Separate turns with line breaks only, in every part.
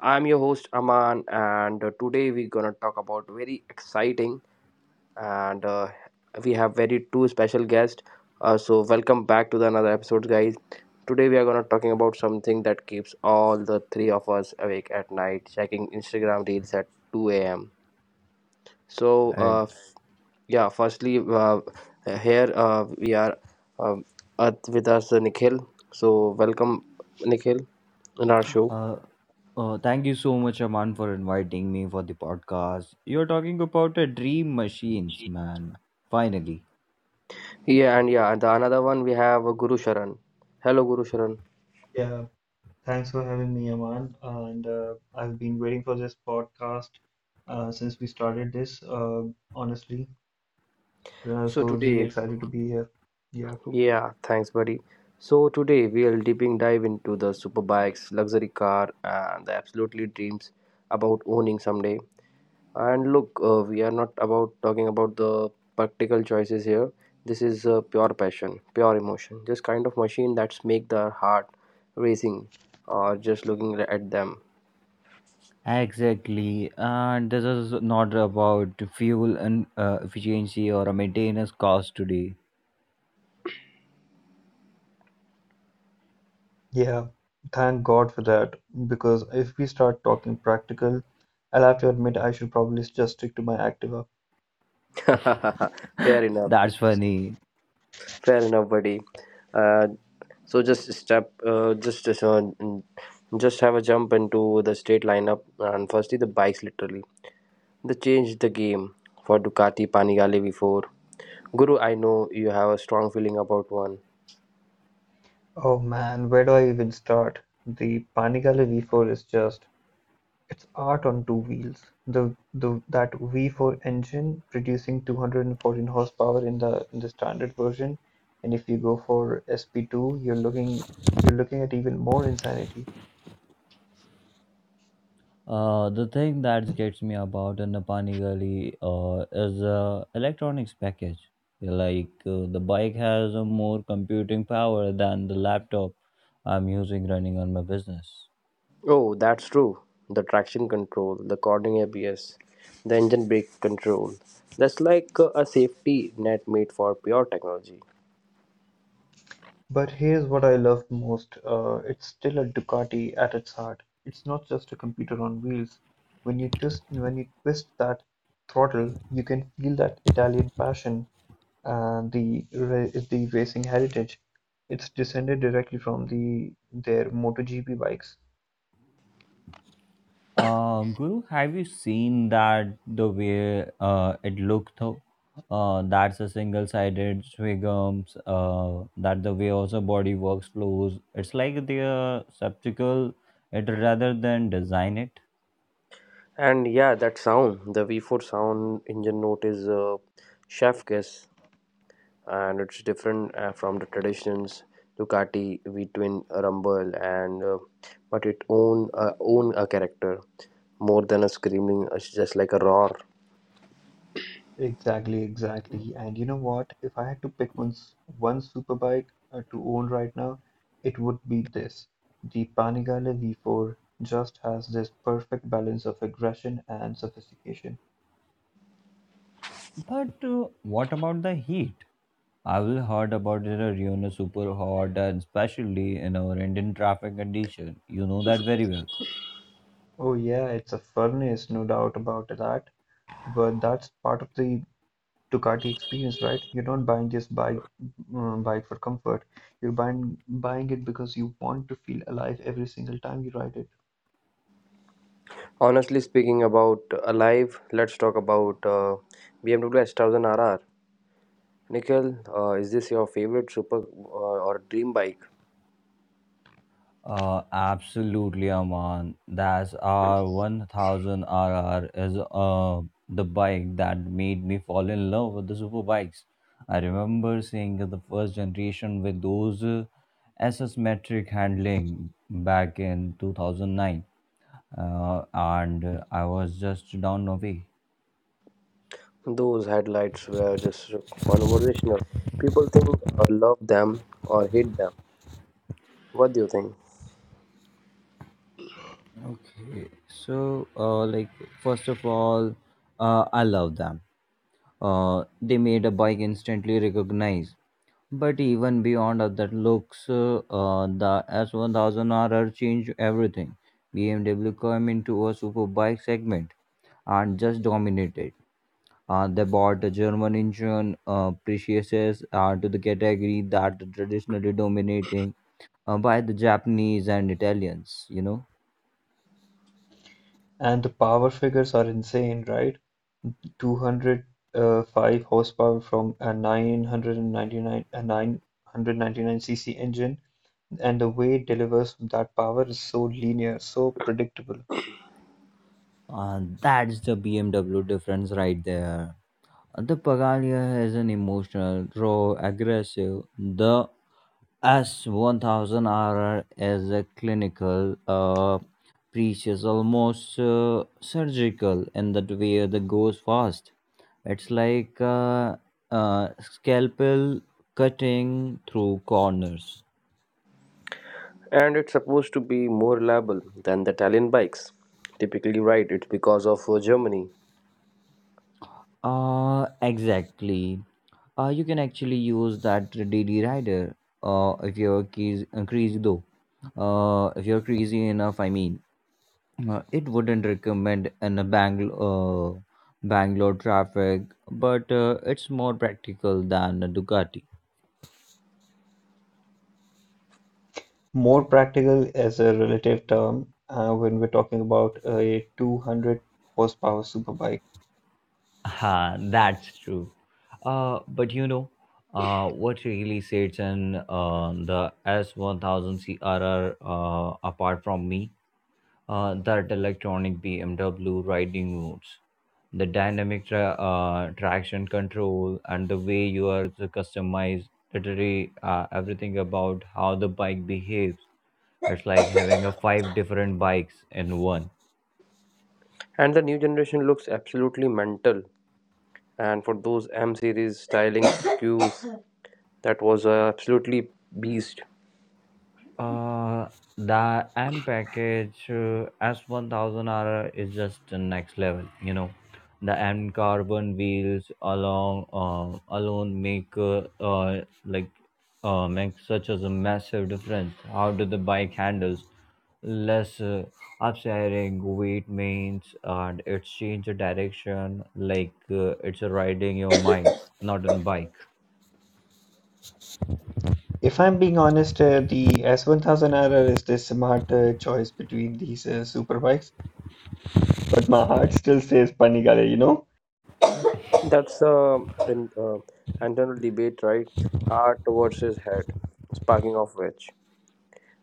I'm your host Aman, and today we're gonna talk about very exciting and we have very two special guests. So welcome back to the another episode, guys. Today we are gonna talking about something that keeps all the three of us awake at night, checking Instagram reels at 2 a.m. So
And
yeah, firstly, here we are um, with us Nikhil. So welcome, Nikhil, in our show.
uh, thank you so much, Aman, for inviting me for the podcast. You're talking about a dream machines, man. Finally.
Yeah, and yeah, the another one we have Guru Sharan. Hello, Guru Sharan.
Yeah, thanks for having me, Aman. And I've been waiting for this podcast since we started this, honestly. Uh,
So
so really
today,
excited to be here. Yeah.
yeah, thanks, buddy. So today we'll deeping dive into the superbikes, luxury car, and the absolutely dreams about owning someday. And look, we are not about talking about the practical choices here. This is pure passion, pure emotion, just kind of machine that's make the heart racing, or just looking at them.
Exactly, and this is not about fuel and efficiency or a maintenance cost today.
Yeah, thank God for that. Because if we start talking practical, I'll have to admit I should probably just stick to my active.
Fair enough.
That's funny.
Fair enough, buddy. Uh, so just step, uh, just uh, so, mm, just have a jump into the state lineup, and firstly the bikes. Literally, they changed the game for Ducati Panigale before. Guru, I know you have a strong feeling about one.
Oh man, where do I even start? The panic allergy for is just. It's art on two wheels, the that V-four engine producing 214 horsepower in the standard version, and if you go for SP2, you're looking at even more insanity.
The thing that gets me about an Napani Gali is the electronics package. Like the bike has a more computing power than the laptop I'm using running on my business.
Oh, that's true. The traction control, the cornering ABS, the engine brake control. That's like a safety net made for pure technology.
But here's what I love most. It's still a Ducati at its heart. It's not just a computer on wheels. When you twist that throttle, you can feel that Italian passion and the racing heritage. It's descended directly from the their MotoGP bikes.
Guru, have you seen that the way it looked though? That's a single-sided swigums. That the way also body works flows. It's like the subtical it rather than design it.
And yeah, that sound, the V4 sound engine note is chef kiss. And it's different from the traditions Ducati V-twin rumble, and but it own own a character more than a screaming. It's just like a roar,
Exactly, exactly. And you know what? If I had to pick one superbike to own right now, it would be this. The Panigale V4 just has this perfect balance of aggression and sophistication.
But what about the heat? I've heard about it, super hot and especially in our Indian traffic condition. You know that very well.
Oh yeah, it's a furnace, no doubt about that. But that's part of the Ducati experience, right? You're not buying just bike for comfort. You're buying it because you want to feel alive every single time you ride it.
honestly speaking about alive. Let's talk about BMW S1000 RR. Nikhil, is this your favorite super or dream bike?
Absolutely, Aman. That's our 1000 RR is the bike that made me fall in love with the super bikes. I remember seeing the first generation with those SS metric handling back in 2009 and I was just down away.
Those headlights were just conversational. People think love them or hate them. What do you think?
Okay, so like first of all, I love them. They made a bike instantly recognized. But even beyond of that looks, the s 1000 R R changed everything. BMW came into a super bike segment and just dominated. They bought the German engine Precious's to the category that traditionally dominating by the Japanese and Italians, you know.
And the power figures are insane, right? 205 horsepower from a 999 cc engine, and the way it delivers that power is so linear, so predictable.
That's the BMW difference right there. The Pagalia is an emotional, raw, aggressive. The s 1000 R is a clinical, precious, almost surgical in that way that goes fast. It's like a scalpel cutting through corners.
And it's supposed to be more reliable than the Italian bikes. Typically, right, it's because of Germany.
Exactly. You can actually use that DD rider if you're keys, crazy though. If you're crazy enough, I mean, it wouldn't recommend in a Bangalore traffic, but it's more practical than a Ducati.
More practical as a relative term when we're talking about a 200 horsepower superbike.
Ah, that's true. But you know, what really sets in the S1000 CRR apart from me? That electronic BMW riding modes, the dynamic traction control, and the way you are to customize literally everything about how the bike behaves. It's like having a five different bikes in one.
And the new generation looks absolutely mental. And for those M series styling cues, that was absolutely beast.
Uh, the M package S1000 R is just the next level, you know. The M carbon wheels along alone make like make such as a massive difference. How do the bike handles less upsetting weight means and it change the direction like it's riding your mind, not on bike.
If I'm being honest, the S1000 R R is the smart choice between these super bikes, but my heart still says Panigale, you know?
That's an internal debate, right? Heart versus head, sparking of which.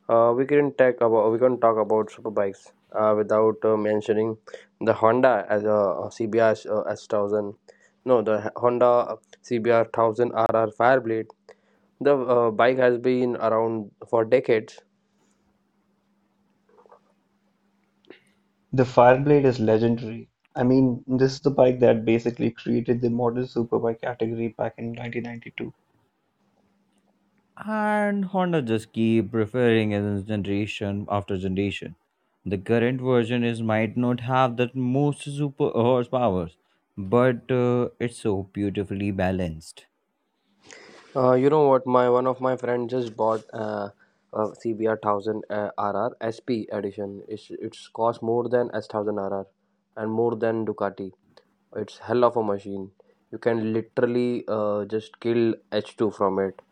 We can talk about superbikes without mentioning the Honda as a CBR S thousand. No, the Honda CBR thousand RR Fireblade. The bike has been around for decades.
The Fireblade is legendary. I mean, this is the bike that basically created the modern superbike category back in 1992.
And Honda just keep referring as generation after generation. The current version is might not have that most super horsepower, but it's so beautifully balanced.
You know what? My one of my friends just bought a CBR thousand RR SP edition. It's cost more than S thousand RR and more than Ducati. It's hell of a machine. You can literally just kill H2 from it,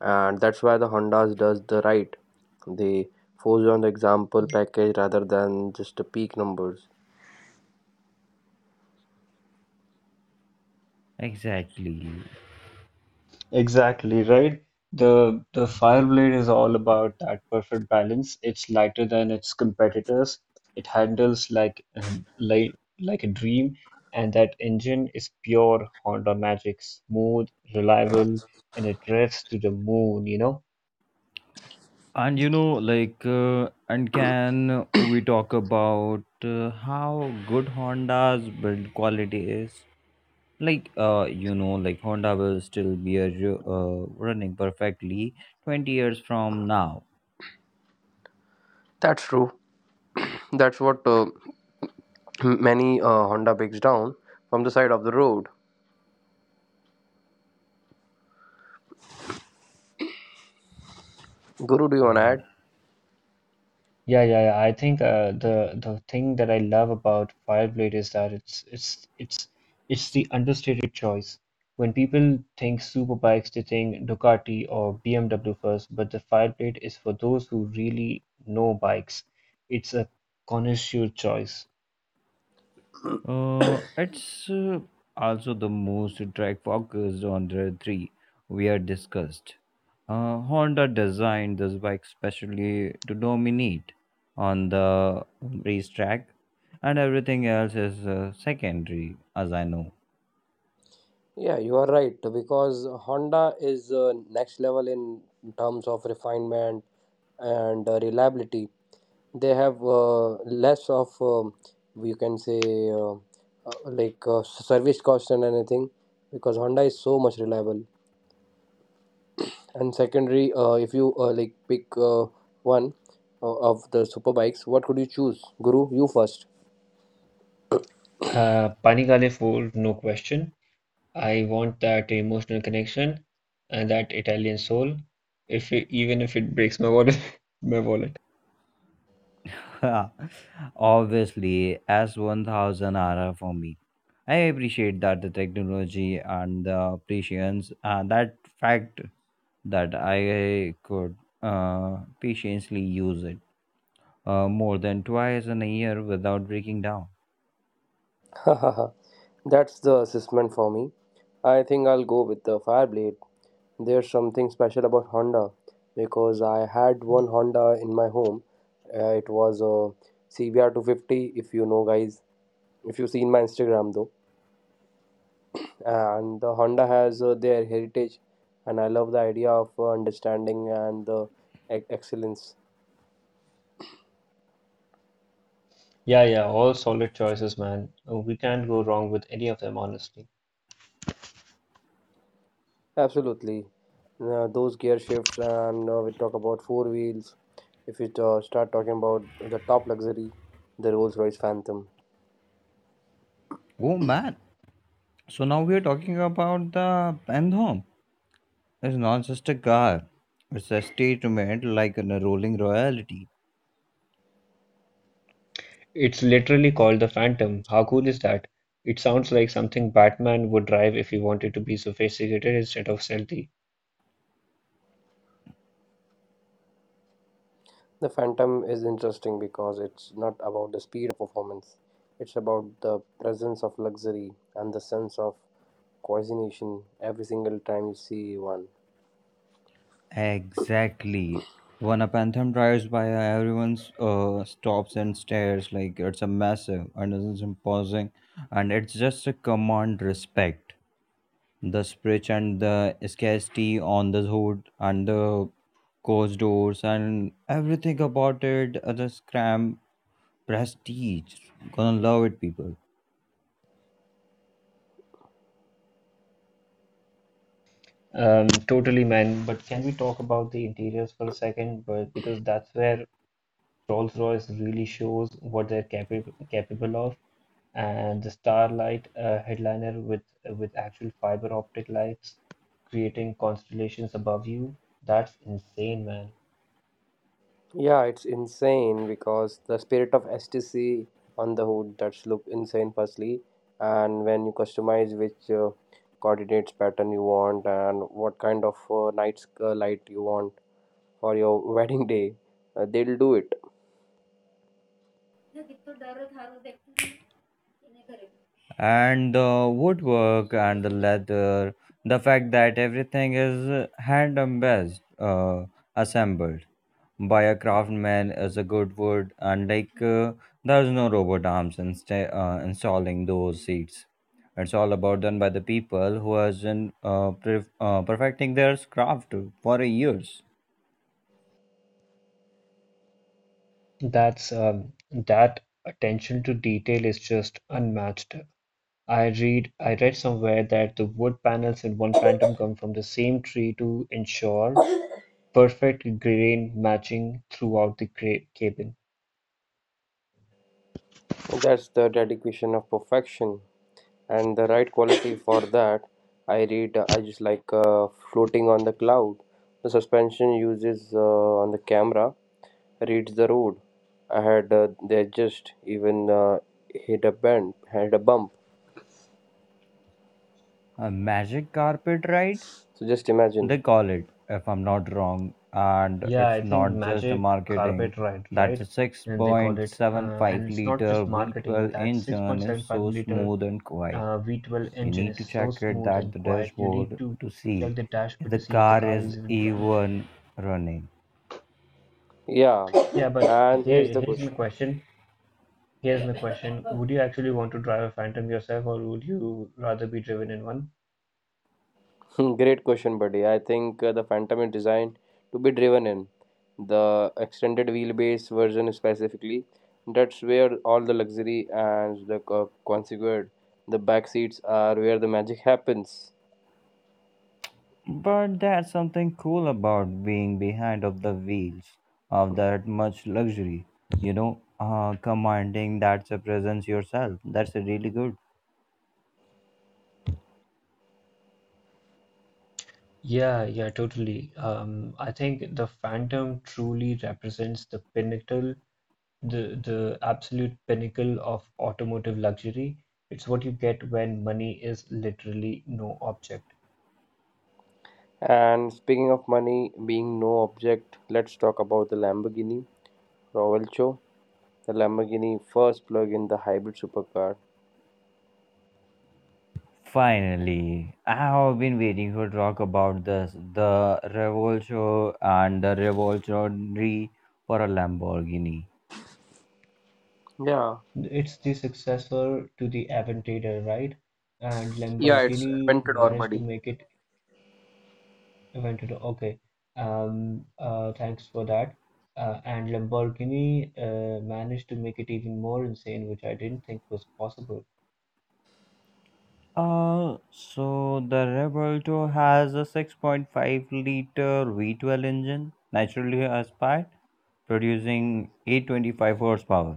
and that's why the Hondas does the right. They focus on the example package rather than just the peak numbers.
Exactly.
Exactly, right? The Fireblade is all about that perfect balance. It's lighter than its competitors. It handles like like a dream, and that engine is pure Honda magic, smooth, reliable, and it drifts to the moon, you know?
And you know, like, and can we talk about how good Honda's build quality is? Like like Honda will still be running perfectly 20 years from now.
That's true. That's what many Honda picks down from the side of the road. Guru, do you want to
And.
add?
Yeah, yeah, yeah. I think the thing that I love about Fireblade is that it's the understated choice. When people think superbikes, they think Ducati or BMW first, but the Fireblade is for those who really know bikes. It's a connoisseur choice.
It's also the most track focused on the three we are discussed. Honda designed this bike specially to dominate on the racetrack, and everything else is secondary, as I know.
Yeah, you are right because Honda is next level in terms of refinement and reliability. They have less of, you can say, uh, like, service cost and anything because Honda is so much reliable. And secondary, if you like pick one of the super bikes, what could you choose? Guru, you first.
Panigale Fold, no question. I want that emotional connection and that Italian soul. If it, even if it breaks my wallet, my wallet.
Obviously, as 1000 are for me. I appreciate that the technology and the patience, that fact that I could patiently use it more than twice in a year without breaking down.
That's the assessment for me. I think I'll go with the Fireblade. There's something special about Honda because I had one Honda in my home. It was a CBR 250, if you know, guys. If you've seen my Instagram, though. And the Honda has their heritage, and I love the idea of understanding and the excellence.
Yeah, yeah, all solid choices, man. We can't go wrong with any of them, honestly.
Absolutely. Those gear shifts, and we talk about four wheels. If we start talking about the top luxury, the Rolls Royce Phantom.
Oh man! So now we are talking about the Bandhom. It's not just a car; it's a statement like a rolling royalty.
It's literally called the Phantom. How cool is that? It sounds like something Batman would drive if he wanted to be sophisticated instead of stealthy.
The Phantom is interesting because it's not about the speed of performance, it's about the presence of luxury and the sense of coordination every single time you see one.
Exactly. When a phantom drives by, everyone stops and stares like it's a massive and it's imposing, and it's just a command respect. The spritch and the scarcity on the hood and the coach doors and everything about it, the scram prestige. Gonna love it, people.
Totally, man. But can we talk about the interiors for a second? But Because that's where Rolls-Royce really shows what they're capable of. And the Starlight headliner with actual fiber optic lights creating constellations above you. That's insane, man.
Yeah, it's insane because the spirit of STC on the hood that's look insane firstly, and when you customize which coordinates pattern you want and what kind of night's light you want for your wedding day, they'll do it.
And the woodwork and the leather, the fact that everything is hand best assembled by a craftsman is a good wood. And like there's no robot arms installing those seats. It's all about done by the people who has been perfecting their craft for years.
That's um, that attention to detail is just unmatched. I read somewhere that the wood panels in one Phantom come from the same tree to ensure perfect grain matching throughout the cabin.
That's the dedication of perfection and the right quality for that. I read I just like floating on the cloud. The suspension uses on the camera reads the road. I had they just even hit a bend, had a bump.
A magic carpet ride,
So just imagine.
they call it, if I'm not wrong, and
Yeah, I
it's
think
not just a
magic
marketing.
carpet ride,
That
right?
the
And they call it,
6.75
and it's not
liter
just marketing.
V12
That
engine is
6.75
so
liter
smooth and quiet.
V12
You
engine
need
is
to
so
check it
smooth
that the
and quiet. You need
dashboard
to
to see
check the
if
dashboard
the
to see if the
car
car
is
is even running.
even running.
Yeah,
Yeah, but
and here's the
here's
question.
my question. Here's my question. Would you actually want to drive a Phantom yourself, or would you rather be driven in one?
Great question, buddy. I think the Phantom is designed to be driven in the extended wheelbase version specifically. That's where all the luxury and the consequent the back seats are where the magic happens.
But that's something cool about being behind of the wheels of that much luxury. You know, commanding that's a presence yourself. That's really good.
Yeah, yeah, totally. I think the Phantom truly represents the pinnacle, the absolute pinnacle of automotive luxury. It's what you get when money is literally no object.
And speaking of money being no object, let's talk about the Lamborghini Royal. The Lamborghini first plug-in the hybrid supercar.
Finally, I have been waiting to talk about this the Revolcho and the Revoltionary for a Lamborghini.
Yeah,
It's the successor to the Aventador, right? And
yeah, it's
Lamborghini
Aventador,
managed to
buddy.
make it Aventador. Okay. Thanks for that. And Lamborghini managed to make it even more insane, which I didn't think was possible.
So the Revolto has a 6.5-liter V12 engine, naturally aspired, producing 825 horsepower.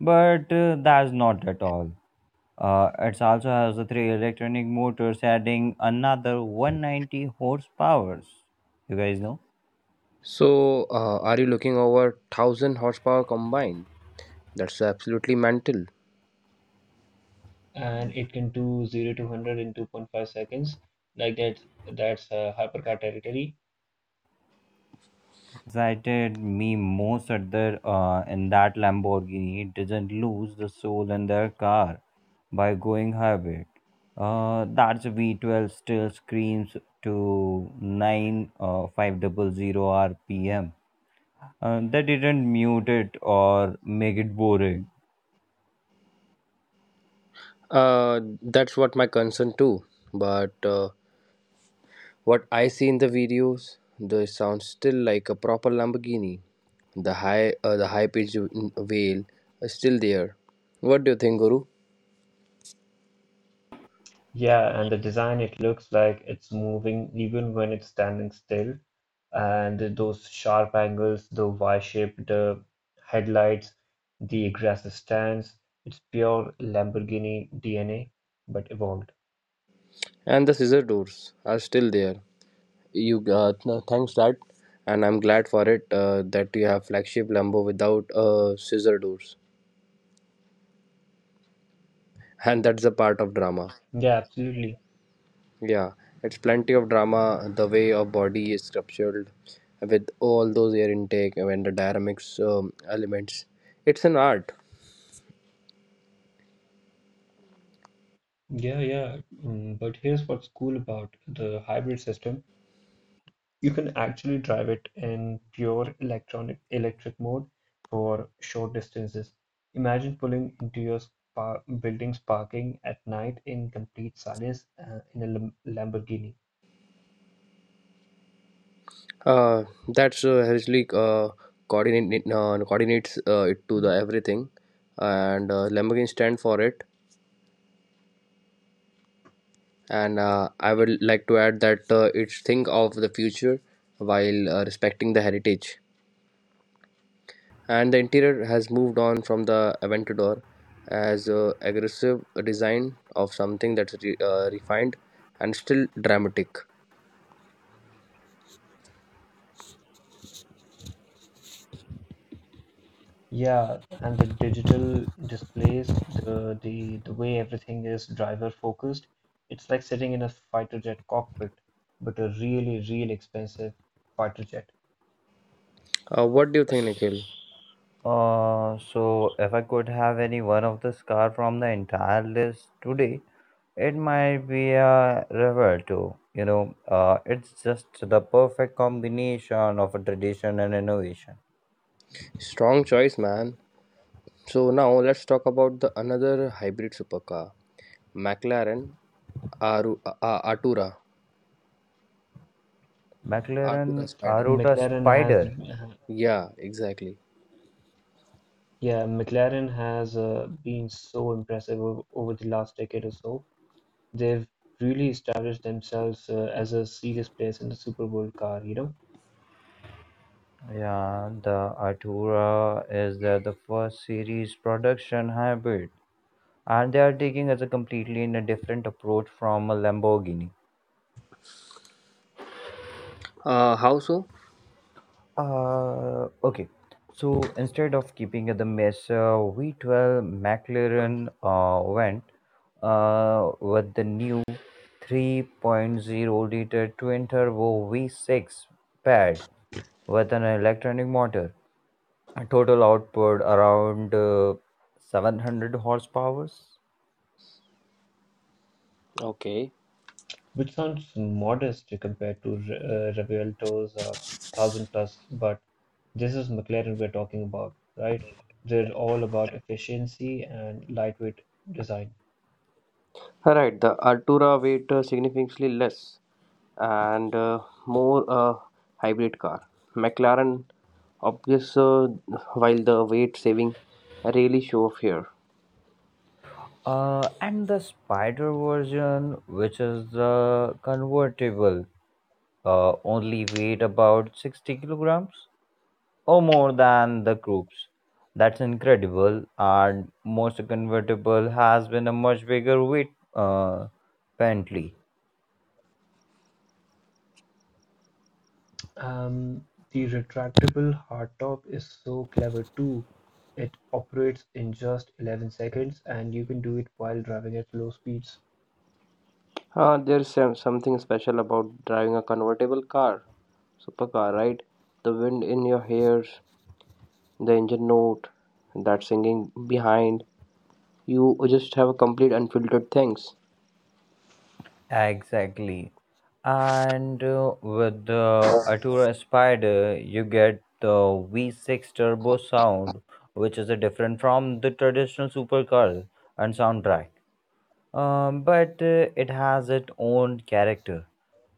But that's not at all. It also has a three electronic motors adding another 190 horsepower. You guys know?
So, are you looking over 1000 horsepower combined? That's absolutely mental.
And it can do 0 to 100 in 2.5 seconds. Like that's hypercar territory.
What excited me most at the in that Lamborghini didn't lose the soul in their car by going hybrid. That's V12 still screams to nine five double zero RPM. They didn't mute it or make it boring.
That's what my concern too. But what I see in the videos, the sounds still like a proper Lamborghini. The high pitched wail is still there. What do you think, Guru?
Yeah, and the design, it looks like it's moving even when it's standing still. And those sharp angles, the Y-shaped headlights, the aggressive stance, it's pure Lamborghini DNA, but evolved.
And the scissor doors are still there. You no, thanks that, and I'm glad for it that you have flagship Lambo without scissor doors, and that's a part of drama.
Yeah, absolutely.
Yeah, it's plenty of drama. The way of body is sculptured with all those air intake and the dynamics elements. It's an art.
Yeah, yeah. But here's what's cool about the hybrid system. You can actually drive it in pure electronic electric mode for short distances. Imagine pulling into your spa building's parking at night in complete silence in a Lamborghini.
Uh, that's actually coordinates it to the everything, and Lamborghini stand for it, and I would like to add that it's think of the future while respecting the heritage, and the interior has moved on from the Aventador as a aggressive design of something that's refined and still dramatic.
Yeah, and the digital displays, the way everything is driver focused, it's like sitting in a fighter jet cockpit, but a really, really expensive fighter jet.
What do you think, Nikhil?
S- so if I could have any one of the scar from the entire list today, it might be a river too. You know, it's just the perfect combination of a tradition and innovation.
Strong choice, man. So now let's talk about the another hybrid supercar, McLaren Aru- uh, artura artura
McLaren
Spider.
Aruta
McLaren has
Spider.
Yeah, exactly.
Yeah, McLaren has been so impressive over the last decade or so. They've really established themselves as a serious place in the Super Bowl car, you know,
Yeah, the Artura is the first series production hybrid, and they are taking as a completely in a different approach from a Lamborghini.
How so?
Okay. So instead of keeping the mess, V12 McLaren went with the new three point zero liter twin turbo V6 pad with an electronic motor. A total output around 700 horsepower.
Okay.
which sounds modest compared to Revuelto's 1000 plus, but this is McLaren we're talking about, right? They're all about efficiency and lightweight design.
Right, the Altura weight significantly less and more hybrid car. McLaren, obvious, while the weight saving really show off here.
And the Spider version, which is the convertible, only weighed about 60 kilograms or more than the groups. That's incredible. And most convertible has been a much bigger weight, Bentley.
Um, the retractable hardtop is so clever too. It operates in just 11 seconds and you can do it while driving at low speeds.
There's something special about driving a convertible car, supercar, right? The wind in your hairs, the engine note, that singing behind. You just have a complete unfiltered things.
Exactly. And with the Atura Spider, you get the V6 turbo sound, which is a different from the traditional supercar and soundtrack. But it has its own character.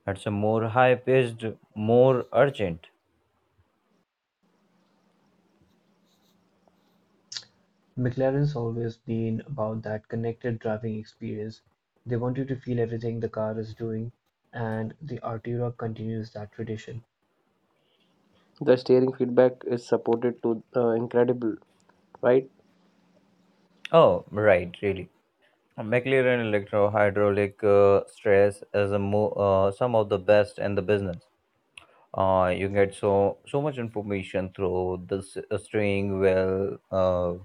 It's a more high-paced, more urgent.
McLaren's always been about that connected driving experience. They want you to feel everything the car is doing, and the Artura continues that tradition.
The steering feedback is supported to incredible, right?
Oh, right, really. McLaren electrohydraulic stress is a some of the best in the business. You get so much information through the steering wheel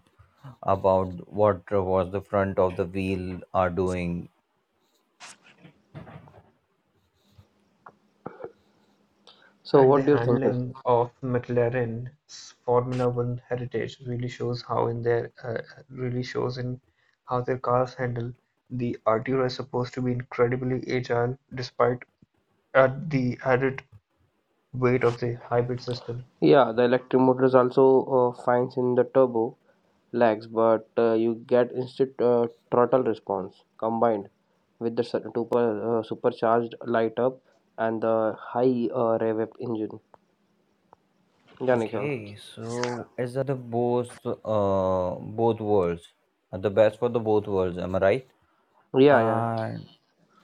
about what was the front of the wheel are doing.
So,
And the
what do you think?
handling of McLaren's Formula One heritage really shows how in their really shows in how their cars handle. The RTR is supposed to be incredibly agile despite the added weight of the hybrid system.
Yeah, the electric motors also finds in the turbo lags, but you get instant throttle response combined with the supercharged light up and the high rev up engine. Yeah, Nikhil.
Okay, so is that the both worlds, the best for the both worlds? Am I right?
Yeah, yeah.
And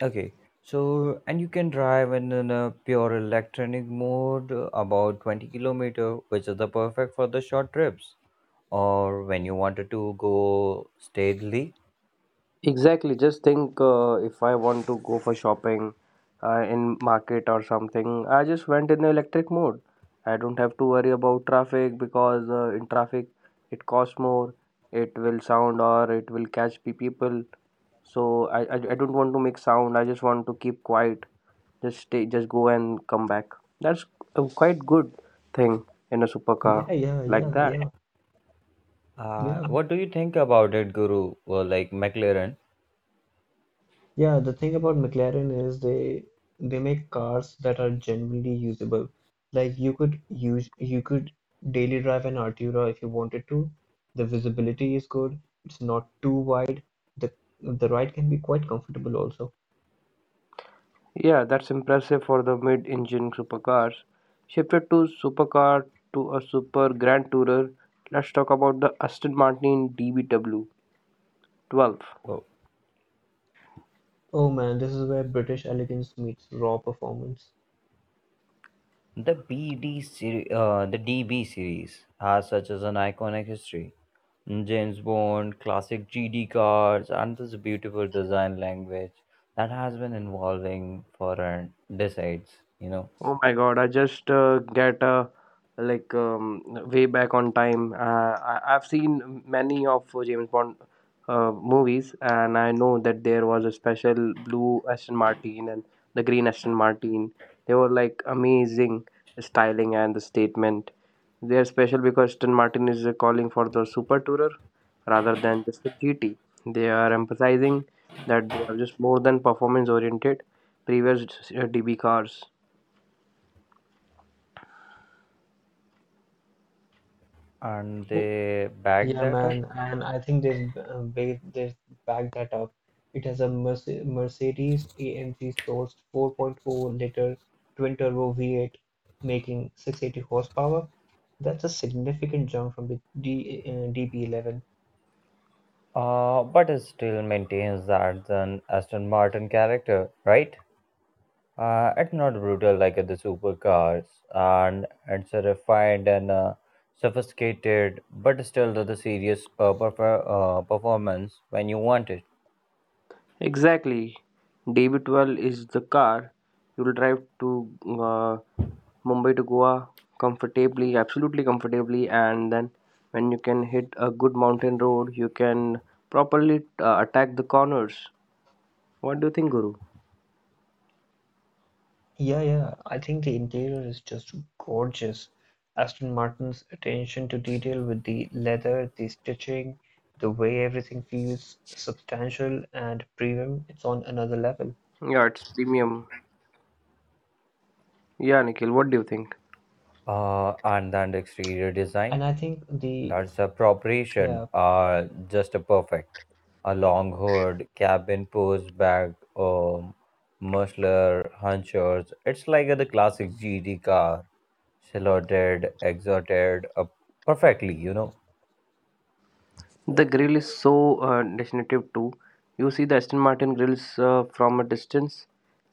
okay, so and you can drive in a pure electronic mode about 20-kilometer, which is the perfect for the short trips or when you wanted to go steadily.
Exactly. Just think if I want to go for shopping in market or something, I just went in the electric mode. I don't have to worry about traffic because in traffic it costs more, it will sound or it will catch people. So I don't want to make sound. I just want to keep quiet. Just stay, just go and come back. That's a quite good thing in a supercar
Yeah, yeah,
like
yeah,
that.
yeah, yeah.
What do you think about it, Guru? Well, like McLaren,
Yeah, the thing about McLaren is they make cars that are genuinely usable. Like you could daily drive an Artura if you wanted to. The visibility is good. It's not too wide. The the ride can be quite comfortable also.
Yeah, that's impressive for the mid-engine supercars. Shifted to supercar to a super grand tourer, let's talk about the Aston Martin DBW 12.
oh,
Oh man, this is where British elegance meets raw performance.
the DB series has such as an iconic history. James Bond, classic GD cards, and this beautiful design language that has been evolving for decades, you know.
Oh my God, I just get like way back on time. I've seen many of James Bond movies, and I know that there was a special blue Aston Martin and the green Aston Martin. They were like amazing styling and the statement. They are special because Aston Martin is calling for the super tourer rather than just the GT. They are emphasizing that they are just more than performance oriented. Previous DB cars.
And they back
Yeah,
that up,
man, and I think they've they've backed that up. It has a Mercedes AMG sourced 4.0-liter twin turbo V8 making 680 horsepower. That's a significant jump from the D DB11.
but it still maintains that an Aston Martin character, right? It's not brutal like the supercars, and it's a refined and sophisticated, but still the serious performance when you want it.
Exactly. DB12 is the car you'll drive to Mumbai to Goa comfortably, absolutely comfortably, and then when you can hit a good mountain road, you can properly attack the corners. What do you think, Guru?
Yeah, yeah, I think the interior is just gorgeous. Aston Martin's attention to detail with the leather, the stitching, the way everything feels substantial and premium, it's on another level.
Yeah, it's premium. Yeah, Nikhil, what do you think?
And then the exterior design.
And I think the
That's a preparation,
yeah
just a perfect. A long hood, cabin pushed back, um, muscular hunchers. It's like the classic GT car, silhouetted, exalted, perfectly, you know.
The grill is so definitive too. You see the Aston Martin grills from a distance,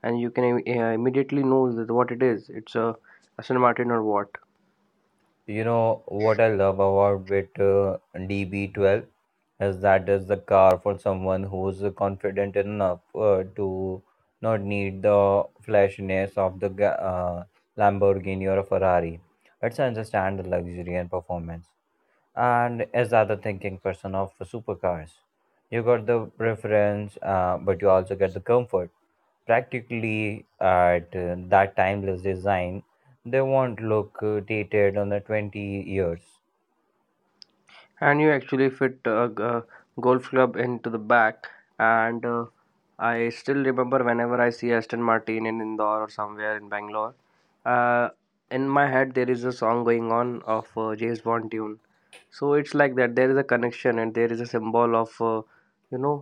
and you can immediately know that what it is. It's a Aston Martin or what.
You know what I love about with DB12 is that is the car for someone who's confident enough to not need the flashiness of the Lamborghini or a Ferrari. It's understand the luxury and performance. And as the other thinking person of supercars, you got the preference, but you also get the comfort practically at that timeless design, they won't look dated on the 20 years.
And you actually fit a golf club into the back, and I still remember whenever I see Aston Martin in Indore or somewhere in Bangalore, uh, in my head there is a song going on of James Bond tune. So it's like that, there is a connection, and there is a symbol of you know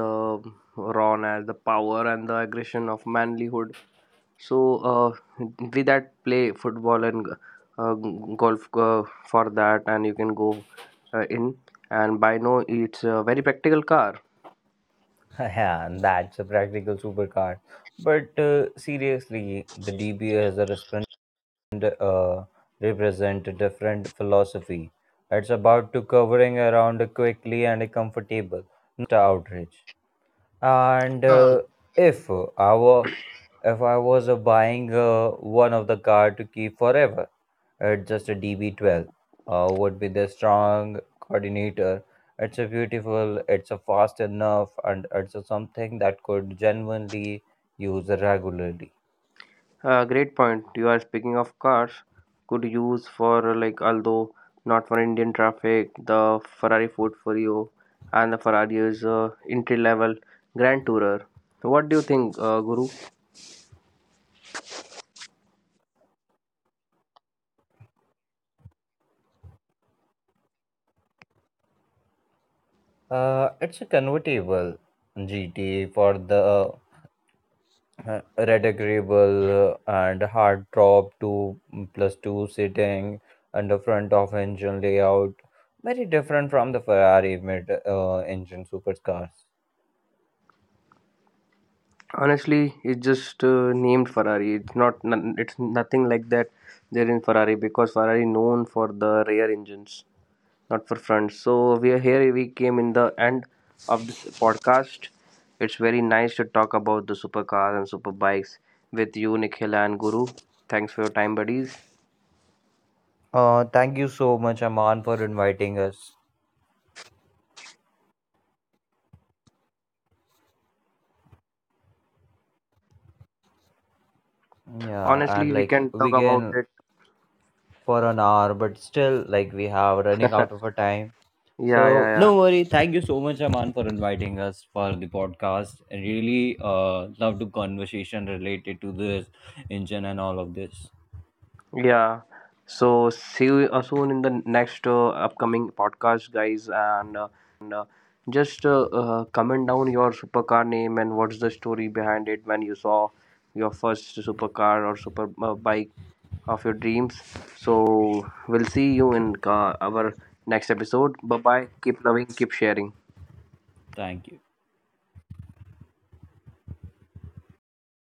the rawness, the power, and the aggression of manlyhood. So uh, we that play football and golf for that, and you can go in. And by now, it's a very practical car.
Yeah, and that's a practical supercar. But seriously, the DBA has a respond, represent a different philosophy. It's about to covering around quickly and comfortable, a outrage. And
Uh,
if our if I was buying one of the car to keep forever, just a DB12 would be the strong coordinator. It's a beautiful, it's a fast enough, and it's a something that could genuinely use regularly.
Great point. You are speaking of cars. Could use for like although not for Indian traffic, the Ferrari Portfolio and the Ferrari's entry level Grand Tourer. So, what do you think, Guru?
It's a convertible gt for the red agreeable, and hard drop two plus two sitting and the front of engine layout very different from the Ferrari mid engine supercars.
Honestly, it's just named Ferrari. It's not. It's nothing like that. They're in Ferrari because Ferrari known for the rear engines, not for front. So we are here. We came in the end of this podcast. It's very nice to talk about the supercars and superbikes with you, Nikhila and Guru. Thanks for your time, buddies.
Thank you so much, Aman, for inviting us. Yeah, and
Honestly, we
like
can talk
we
about
can
it.
for an hour, but still like we have running
Yeah,
out of a time.
yeah,
So no
yeah.
worry. Thank you so much, Aman, for inviting us for the podcast. I really love the conversation related to this engine and all of this.
Yeah. So see you soon in the next upcoming podcast, guys. And just comment down your supercar name and what's the story behind it when you saw your first supercar or super bike of your dreams. So we'll see you in our next episode. Bye bye. Keep loving, keep sharing.
Thank you.